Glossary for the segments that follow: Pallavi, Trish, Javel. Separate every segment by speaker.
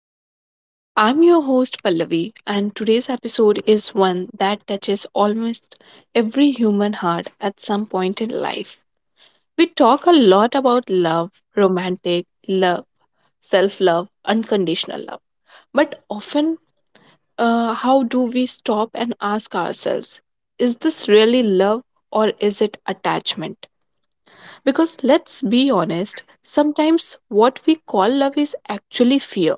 Speaker 1: Podcast. I'm your host, Pallavi, and today's episode is one that touches almost every human heart at some point in life. We talk a lot about love, romantic love, self love, unconditional love, but often, how do we stop and ask ourselves, is this really love or is it attachment? Because let's be honest, sometimes what we call love is actually fear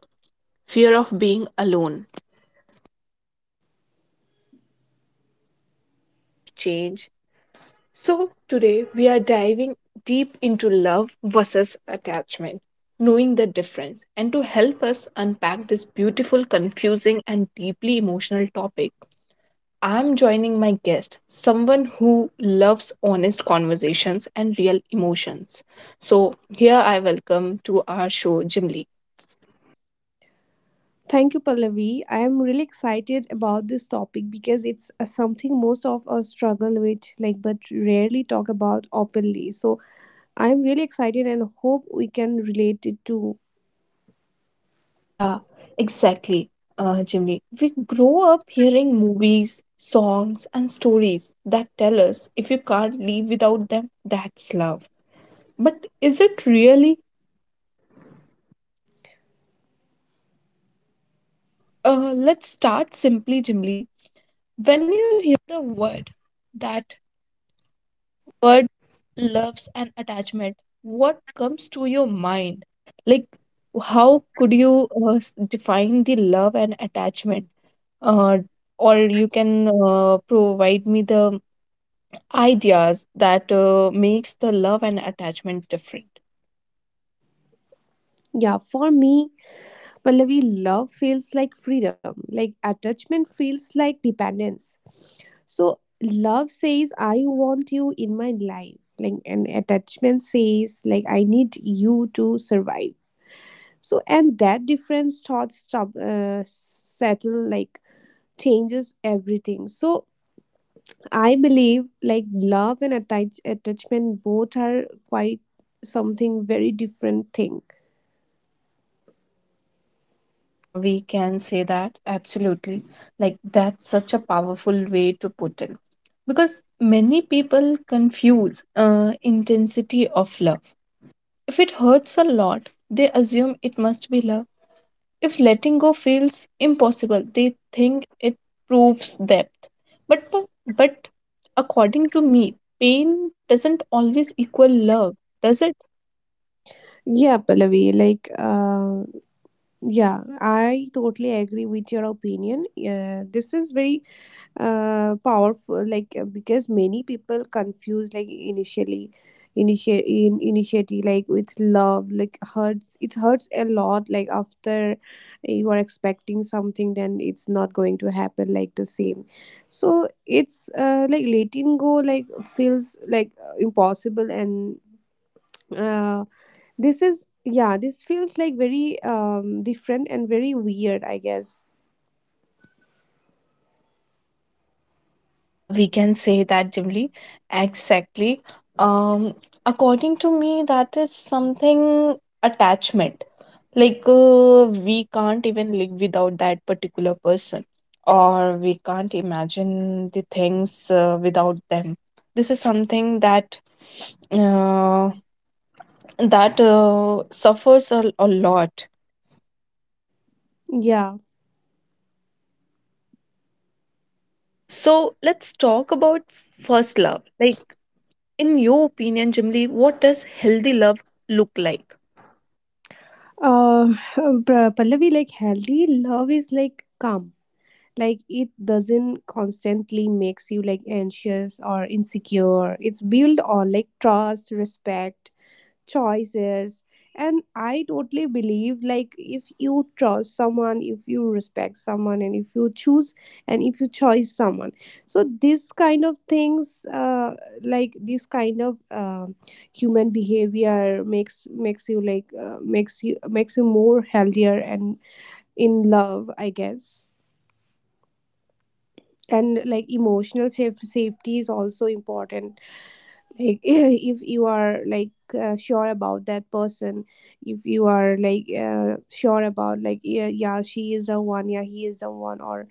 Speaker 1: fear of being alone, fear of change. So, today we are diving deep into love versus attachment, knowing the difference. And to help us unpack this beautiful, confusing, and deeply emotional topic, I'm joining my guest, someone who loves honest conversations and real emotions. So, here I welcome to our show Jimli.
Speaker 2: Thank you, Pallavi. I am really excited about this topic because it's something most of us struggle with, like, but rarely talk about openly. So I'm really excited and hope we can relate it to.
Speaker 1: Yeah, exactly, Jimmy. We grow up hearing movies, songs, and stories that tell us if you can't live without them, that's love. But is it really? So let's start simply, Jimmy. Love and attachment, uh, or you can provide me the ideas that makes the love and attachment different.
Speaker 2: Yeah, for me, Pallavi, love feels like freedom, like attachment feels like dependence. So love says, "I want you in my life," like, and attachment says, "Like I need you to survive." So and that difference thought stub, settle like changes everything. So I believe like love and attachment both are quite something very different thing.
Speaker 1: Yeah, we can say that absolutely. Like, that's such a powerful way to put it, because many people confuse intensity of love. If it hurts a lot, they assume it must be love. If letting go feels impossible, they think it proves depth. But but according to me, pain doesn't always equal love, does it?
Speaker 2: Yeah, Pallavi, yeah, I totally agree with your opinion. Yeah, this is very powerful, because many people confuse, like, initially initiate in initiative like with love, like hurts, it hurts a lot, like after you are expecting something then it's not going to happen like the same. So it's like letting go like feels like impossible and uh, this is, yeah, this feels like very different and very weird, I guess.
Speaker 1: Yeah, we can say that, Jimly. Exactly. Um, According to me, that is something attachment. Like, we can't even live without that particular person, or we can't imagine the things without them. This is something that uh, that suffers a lot.
Speaker 2: Yeah.
Speaker 1: Okay, so let's talk about first love. Like. In your opinion, Jimli, what does healthy love look like?
Speaker 2: Uh, Pallavi, like healthy love is like calm. Like it doesn't constantly makes you like anxious or insecure. It's built on like trust, respect, choices. And I totally believe like if you trust someone, if you respect someone, and if you choose, and if you choose someone, so this kind of things, like this kind of human behavior makes you like makes you more healthier and in love, I guess. And like emotional safe, safety is also important. Like if you are like sure about that person, if you are like sure about, like, yeah, yeah she is the one, yeah he is the one, or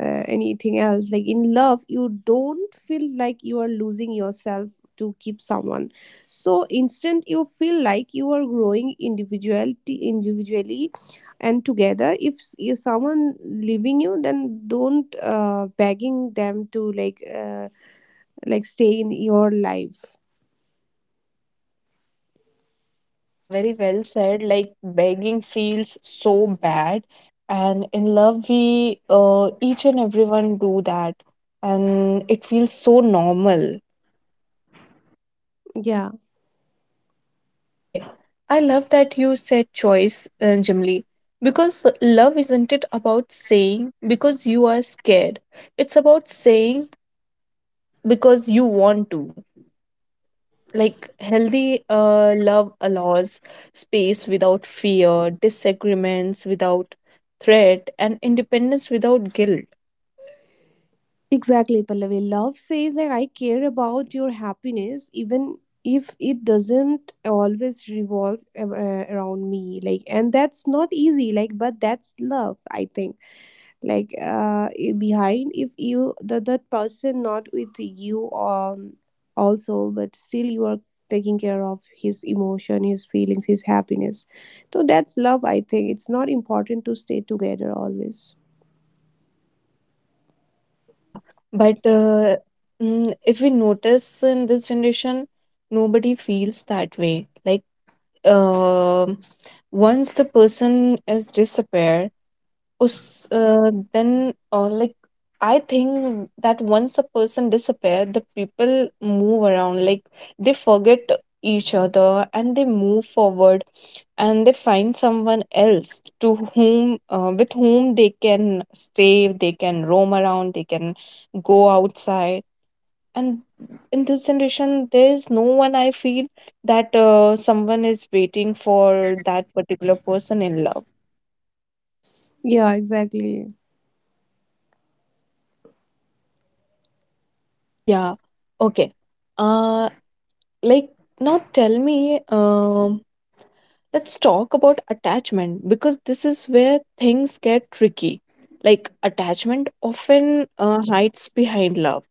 Speaker 2: anything else, like in love you don't feel like you are losing yourself to keep someone. So instant you feel like you are growing individuality individually and together. If, if someone leaving you then don't begging them to like stay in your life.
Speaker 1: Yeah, very well said. Like, begging feels so bad, and in love, we each and everyone do that, and it feels so normal.
Speaker 2: Yeah.
Speaker 1: Okay, I love that you said choice, Jimli, because love isn't it about saying because you are scared. It's about saying because you want to. Like, healthy love allows space without fear, disagreements without threat, and independence without guilt.
Speaker 2: Exactly, Pallavi. Love says like I care about your happiness even if it doesn't always revolve around me, like, and that's not easy, like, but that's love, I think. Like behind, if you the that person not with you, also, but still you are taking care of his emotion, his feelings, his happiness. So that's love, I think. It's not important to stay together always.
Speaker 1: Yeah, but if we notice in this generation, nobody feels that way. Like, um once the person is disappeared, then like, I think that once a person disappear, the people move around, like, they forget each other and they move forward, and they find someone else to whom, with whom they can stay, they can roam around, they can go outside. And in this generation there is no one, I feel, that someone is waiting for that particular person in love.
Speaker 2: Yeah, exactly.
Speaker 1: Yeah, okay. uh Like, now tell me, let's talk about attachment because this is where things get tricky. Like, attachment often hides behind love.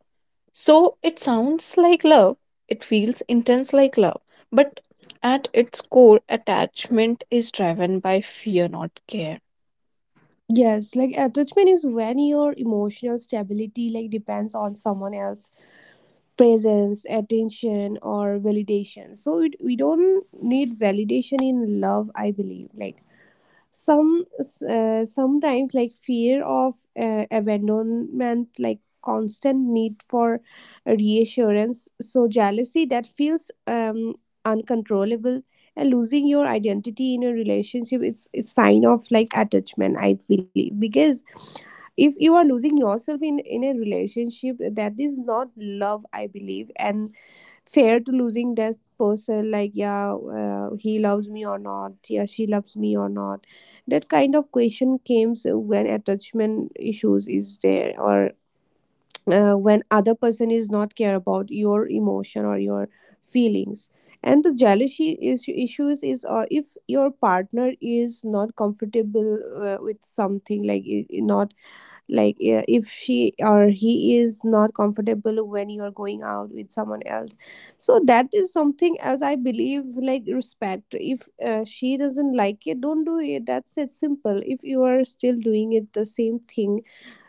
Speaker 1: So, it sounds like love, it feels intense like love, but at its core, attachment is driven by fear, not care.
Speaker 2: Yes, like attachment is when your emotional stability like depends on someone else presence, attention or validation. So it, we don't need validation in love, I believe. Like sometimes like fear of abandonment, like constant need for reassurance, so jealousy that feels uncontrollable and losing your identity in a relationship, it's a sign of like attachment, I believe. Because if you are losing yourself in a relationship that is not love, I believe. And fair to losing that person, like, yeah, he loves me or not, yeah, she loves me or not, that kind of question comes when attachment issues is there, or when other person is not care about your emotion or your feelings. And the jealousy is issues is if your partner is not comfortable with something, like not like, yeah, if she or he is not comfortable when you are going out with someone else. So that is something else, I believe. Like respect, if she doesn't like it, don't do it, that's it, simple. If you are still doing it the same thing,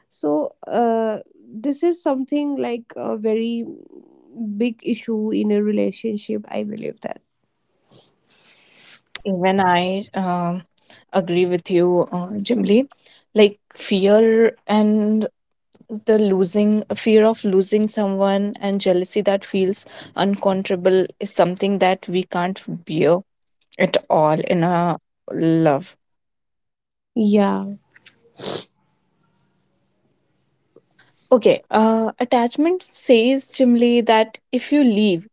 Speaker 2: so this is something like a very big issue in a relationship, I believe, that.
Speaker 1: Yeah, even I agree with you, Jimli. Like, fear and the losing fear of losing someone, and jealousy that feels uncontrollable, is something that we can't bear at all in a love.
Speaker 2: Yeah.
Speaker 1: Yeah, okay. Attachment says, Jimly, that if you leave,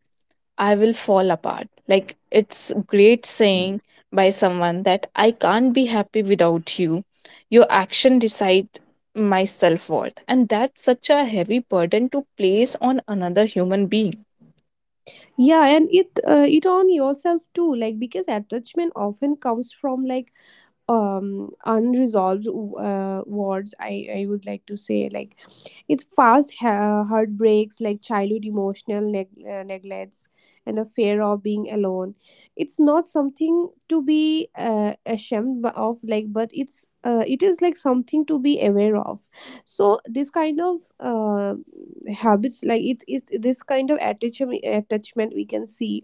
Speaker 1: I will fall apart. Like, it's great saying by someone that I can't be happy without you, your action decide my self-worth, and that's such a heavy burden to place on another human being.
Speaker 2: yeah and it it on yourself too, like, because attachment often comes from like unresolved wards, I would like to say, like it's fast heartbreaks, like childhood emotional neglects and the fear of being alone. It's not something to be ashamed of, like, but it's it is like something to be aware of. So this kind of habits, like it this kind of attachment we can see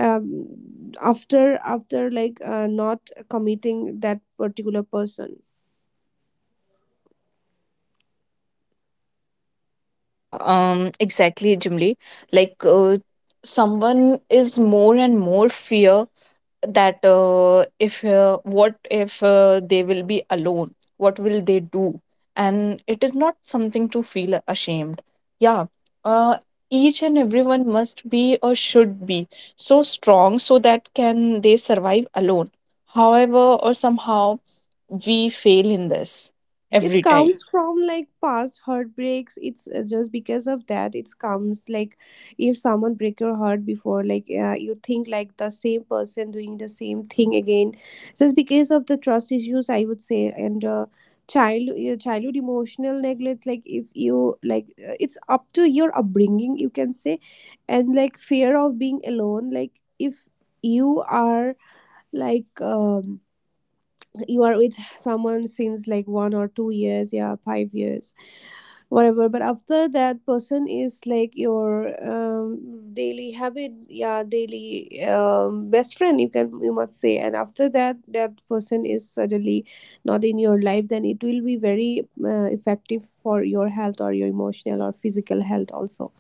Speaker 2: after like not committing that particular person.
Speaker 1: Yeah, exactly, Jimli. Like, someone is more and more fear that if what if they will be alone? What will they do? And it is not something to feel ashamed. Yeah, uh, each and everyone must be or should be so strong so that can they survive alone. However, or somehow, we fail in this
Speaker 2: It
Speaker 1: every time.
Speaker 2: comes from like past heartbreaks, it's just because of that it comes. Like if someone break your heart before, like you think like the same person doing the same thing again, just because of the trust issues, I would say. And child your childhood emotional neglect, like if you like it's up to your upbringing, you can say. And like fear of being alone, like if you are like you are with someone since like 1 or 2 years, yeah 5 years, whatever. But after that person is like your daily habit, yeah daily best friend, you can, you must say. And after that, that person is suddenly not in your life, then it will be very effective for your health or your emotional or physical health also.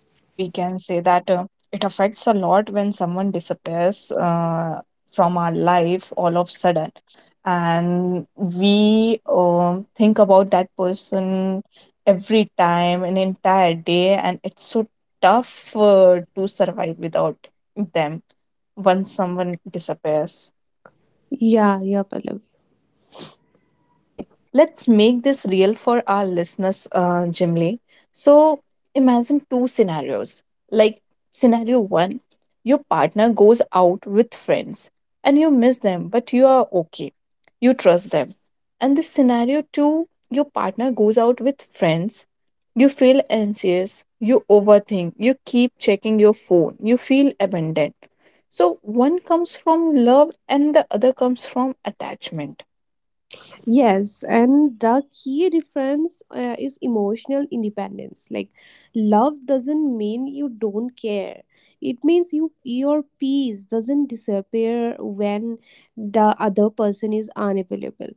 Speaker 1: Yeah, we can say that it affects a lot when someone disappears from our life all of sudden. And we think about that person every time, an entire day, and it's so tough to survive without them once someone disappears.
Speaker 2: Yeah, yeah, Pallavi.
Speaker 1: Okay, let's make this real for our listeners, Jimly. So, imagine two scenarios. Like, scenario one, your partner goes out with friends and you miss them, but you are okay. You trust them. And this scenario two, your partner goes out with friends. You feel anxious, you overthink, you keep checking your phone, you feel abandoned. So one comes from love and the other comes from attachment.
Speaker 2: Yes, and the key difference is emotional independence. Like love doesn't mean you don't care. It means you your peace doesn't disappear when the other person is unavailable.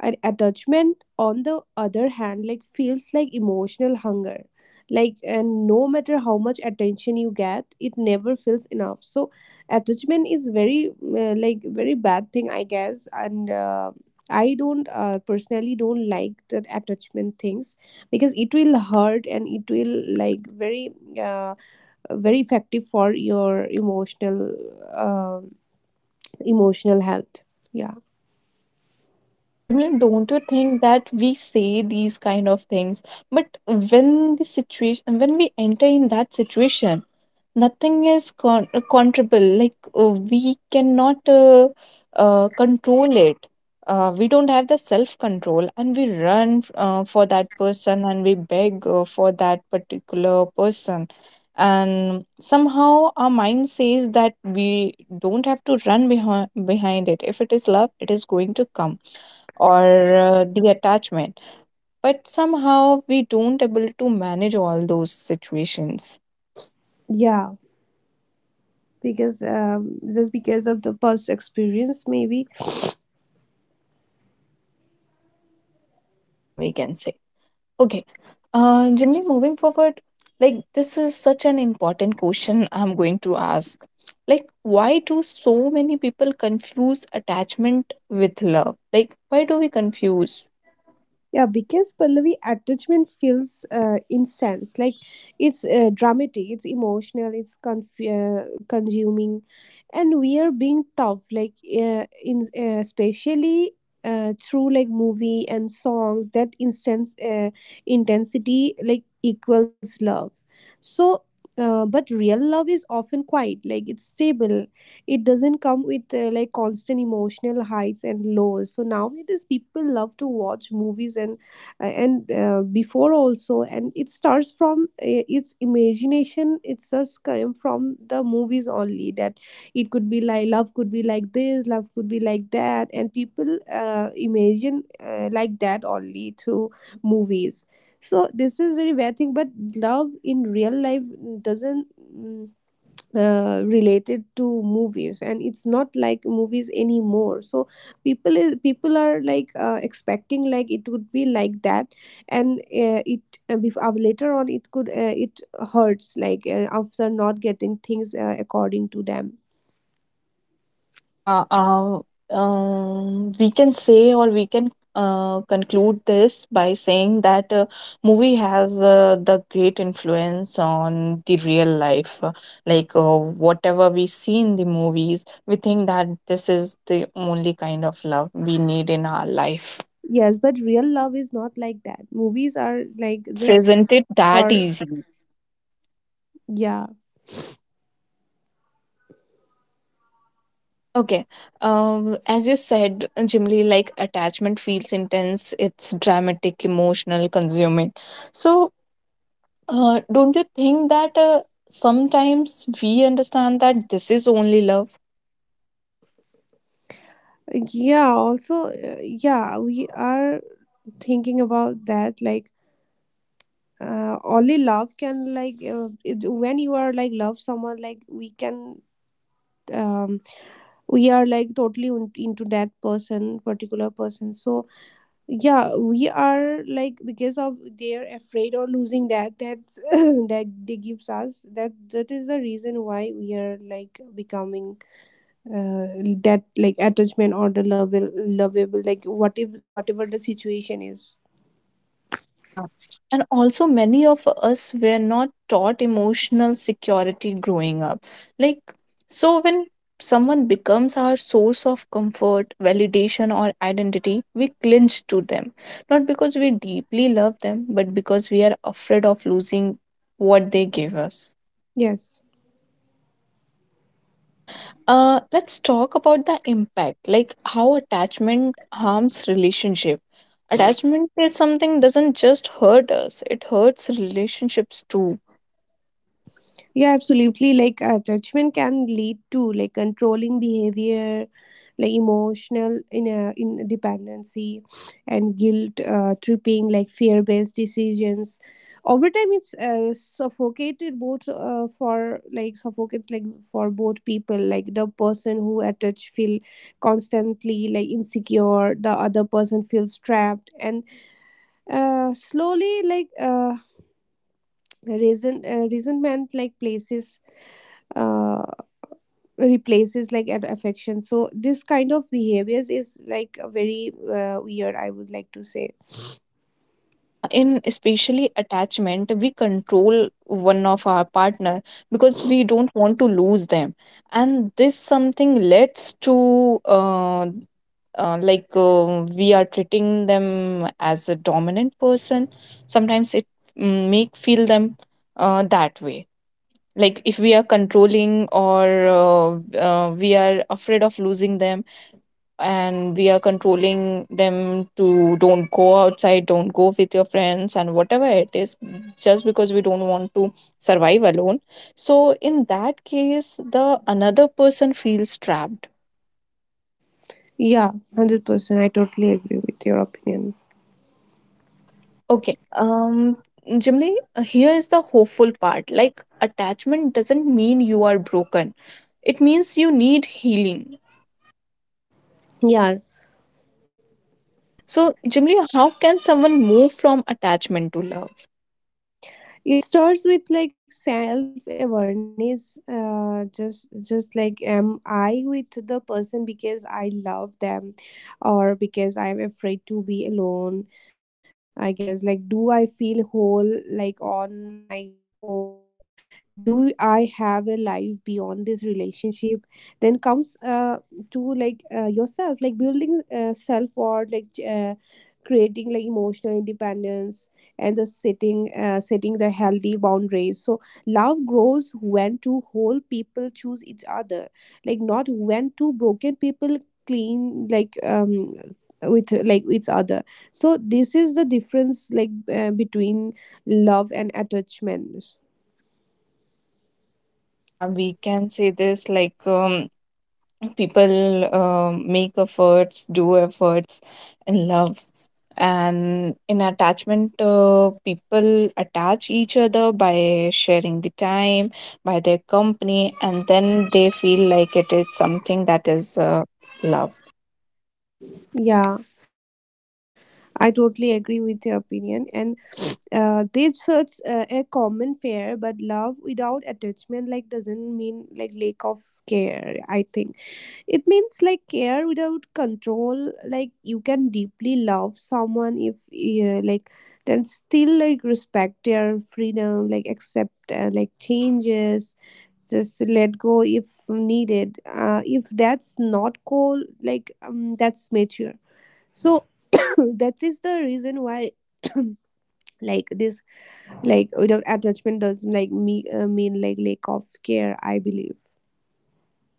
Speaker 2: And attachment on the other hand, like, feels like emotional hunger. Like, and no matter how much attention you get, it never feels enough. So attachment is very like very bad thing, I guess. And I don't personally don't like that attachment things, because it will hurt and it will like very uh, very effective for your uh, emotional health. Yeah.
Speaker 1: Jamil, don't you think that we say these kind of things, but when the situation, when we enter in that situation, nothing is controllable. Like, we cannot control it. We don't have the self control, and we run for that person, and we beg for that particular person, and somehow our mind says that we don't have to run behind it. If it is love, it is going to come, or the attachment, but somehow we don't able to manage all those situations.
Speaker 2: Yeah, because just because of the past experience, maybe.
Speaker 1: Yeah, we can say. Okay, generally moving forward, like, this is such an important question I'm going to ask. Like, why do so many people confuse attachment with love? Like, why do we confuse?
Speaker 2: Yeah, because Pallavi attachment feels intense. Like it's dramatic, it's emotional, it's consuming, and we are being tough. Like in especially through like movie and songs that instance intensity like equals love. So, but real love is often quiet. Like it's stable, it doesn't come with like constant emotional highs and lows. So nowadays people love to watch movies, and before also, and it starts from its imagination, it's just came from the movies only, that it could be like love could be like this, love could be like that, and people imagine like that only through movies. So this is very bad thing. But love in real life doesn't mm, related to movies, and it's not like movies anymore. So people are like expecting like it would be like that. And it later on, it could it hurts like after not getting things according to them.
Speaker 1: Yeah, we can say, or we can conclude this by saying that movie has the great influence on the real life. Like, whatever we see in the movies, we think that this is the only kind of love we need in our life.
Speaker 2: Yes, but real love is not like that, movies are
Speaker 1: Yeah,
Speaker 2: like
Speaker 1: it's
Speaker 2: just
Speaker 1: isn't it that
Speaker 2: for.
Speaker 1: easy?
Speaker 2: Yeah.
Speaker 1: Okay. As you said, Jimly, like, attachment feels intense, it's dramatic, emotional, consuming. So, don't you think that sometimes we understand that this is only love?
Speaker 2: Yeah, also yeah we are thinking about that, like only love can like when you are like love someone, like we can um, we are like totally into that person particular person. So yeah, we are like because of they're afraid of losing that, that's that they gives us, that that is the reason why we are like becoming uh, that like attachment or the love lovable, like what if whatever the situation is.
Speaker 1: Yeah. And also, many of us were not taught emotional security growing up. Like, so when someone becomes our source of comfort, validation, or identity, we cling to them. Not because we deeply love them, but because we are afraid of losing what they give us.
Speaker 2: Yes.
Speaker 1: Okay. Let's talk about the impact, like, how attachment harms relationship. Attachment is something doesn't just hurt us, it hurts relationships too.
Speaker 2: Yeah, absolutely. Like judgment can lead to like controlling behavior, like emotional in dependency, and guilt tripping, like fear based decisions. Over time, it's suffocated both for like suffocates like for both people. Like the person who attached feel constantly like insecure. The other person feels trapped, and slowly like resentment like places uh, replaces like an affection. So this kind of behaviors is like a very weird, I would like to say.
Speaker 1: Yeah, in especially attachment, we control one of our partner because we don't want to lose them, and this something leads to we are treating them as a dominant person. Sometimes it, make feel them that way. Like, if we are controlling, or we are afraid of losing them, and we are controlling them to don't go outside, don't go with your friends, and whatever it is, just because we don't want to survive alone. So in that case the another person feels trapped.
Speaker 2: Yeah, 100% I totally agree with your opinion.
Speaker 1: Yeah, okay. Generally, here is the hopeful part. Like, attachment doesn't mean you are broken, it means you need healing.
Speaker 2: Yeah.
Speaker 1: Okay, so, Jimli, how can someone move from attachment to love?
Speaker 2: It starts with like self awareness, just like, am I with the person because I love them, or because I'm afraid to be alone? I guess, like, do I feel whole like on my own, like do I have a life beyond this relationship? Then comes to like yourself, like building self worth, like creating like emotional independence, and the setting the healthy boundaries. So love grows when two whole people choose each other, like not when two broken people clean like with like each other. So this is the difference, like between love and attachments.
Speaker 1: Yeah, we can say this, like, people make efforts, do efforts in love. And in attachment, people attach each other by sharing the time, by their company, and then they feel like it is something that is love.
Speaker 2: Yeah, I totally agree with your
Speaker 1: Okay.
Speaker 2: opinion. And they search a common fare. But love without attachment, like, doesn't mean like lack of care, I think. It means like care without control. Like you can deeply love someone if, yeah, like then still like respect their freedom, like accept like changes, just let go if needed. If that's not cool, like that's mature. So that is the reason why like this like without attachment does like me mean like lack of care. I believe.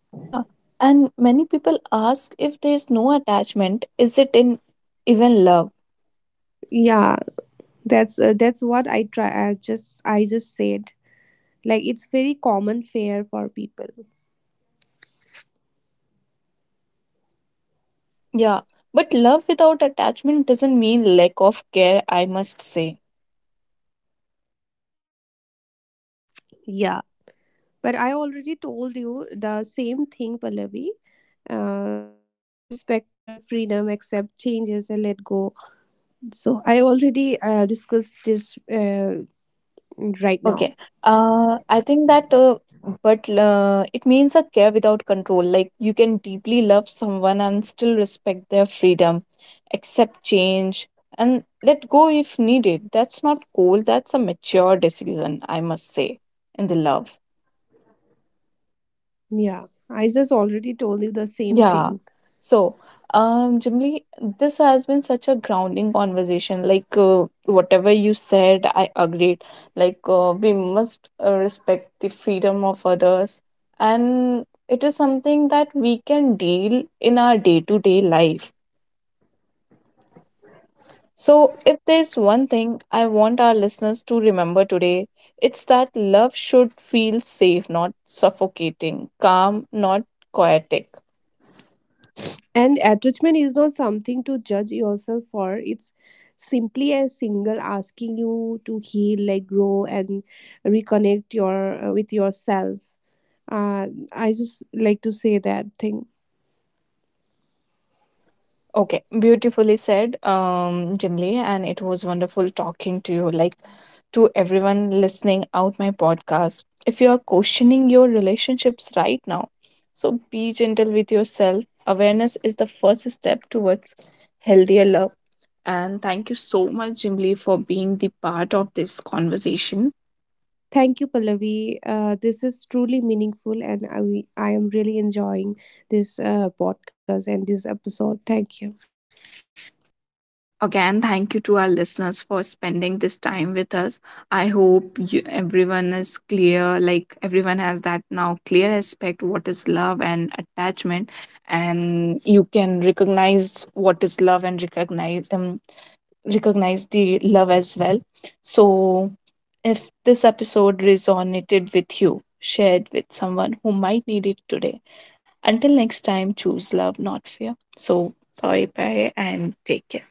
Speaker 1: Yeah, and many people ask, if there is no attachment, is it in even love?
Speaker 2: Yeah, that's what I try. I just said. Like it's very common fare for people.
Speaker 1: Yeah, but love without attachment doesn't mean lack of care, I must say.
Speaker 2: Yeah. But I already told you the same thing, Pallavi. Respect your freedom, accept changes, and let go. So I already discussed this right
Speaker 1: Okay.
Speaker 2: now.
Speaker 1: I think that, but it means a care without control. Like, you can deeply love someone and still respect their freedom, accept change, and let go if needed. That's not cold, that's a mature decision, I must say, in the love.
Speaker 2: Yeah, I just already told you the same
Speaker 1: Yeah.
Speaker 2: thing.
Speaker 1: So, Jimli, this has been such a grounding conversation. Like, whatever you said, I agreed. Like, we must respect the freedom of others, and it is something that we can deal in our day-to-day life. So, if there's one thing I want our listeners to remember today, it's that love should feel safe, not suffocating, calm, not chaotic.
Speaker 2: And attachment is not something to judge yourself for. It's simply a single asking you to heal, like grow, and reconnect your with yourself. Uh, I just like to say that thing.
Speaker 1: Yeah. Okay, beautifully said, Jimly, and it was wonderful talking to you. Like, to everyone listening out my podcast, if you are questioning your relationships right now, so be gentle with yourself. Awareness is the first step towards healthier love. And thank you so much, Jimly, for being the part of this conversation.
Speaker 2: Thank you, Pallavi. This is truly meaningful, and I am really enjoying this podcast and this episode. Thank you.
Speaker 1: Again, thank you to our listeners for spending this time with us. I hope you, everyone is clear, like, everyone has that now clear aspect what is love and attachment, and you can recognize what is love, and recognize the love as well. So, if this episode resonated with you, share it with someone who might need it today. Until next time, choose love, not fear. So, bye bye and take care.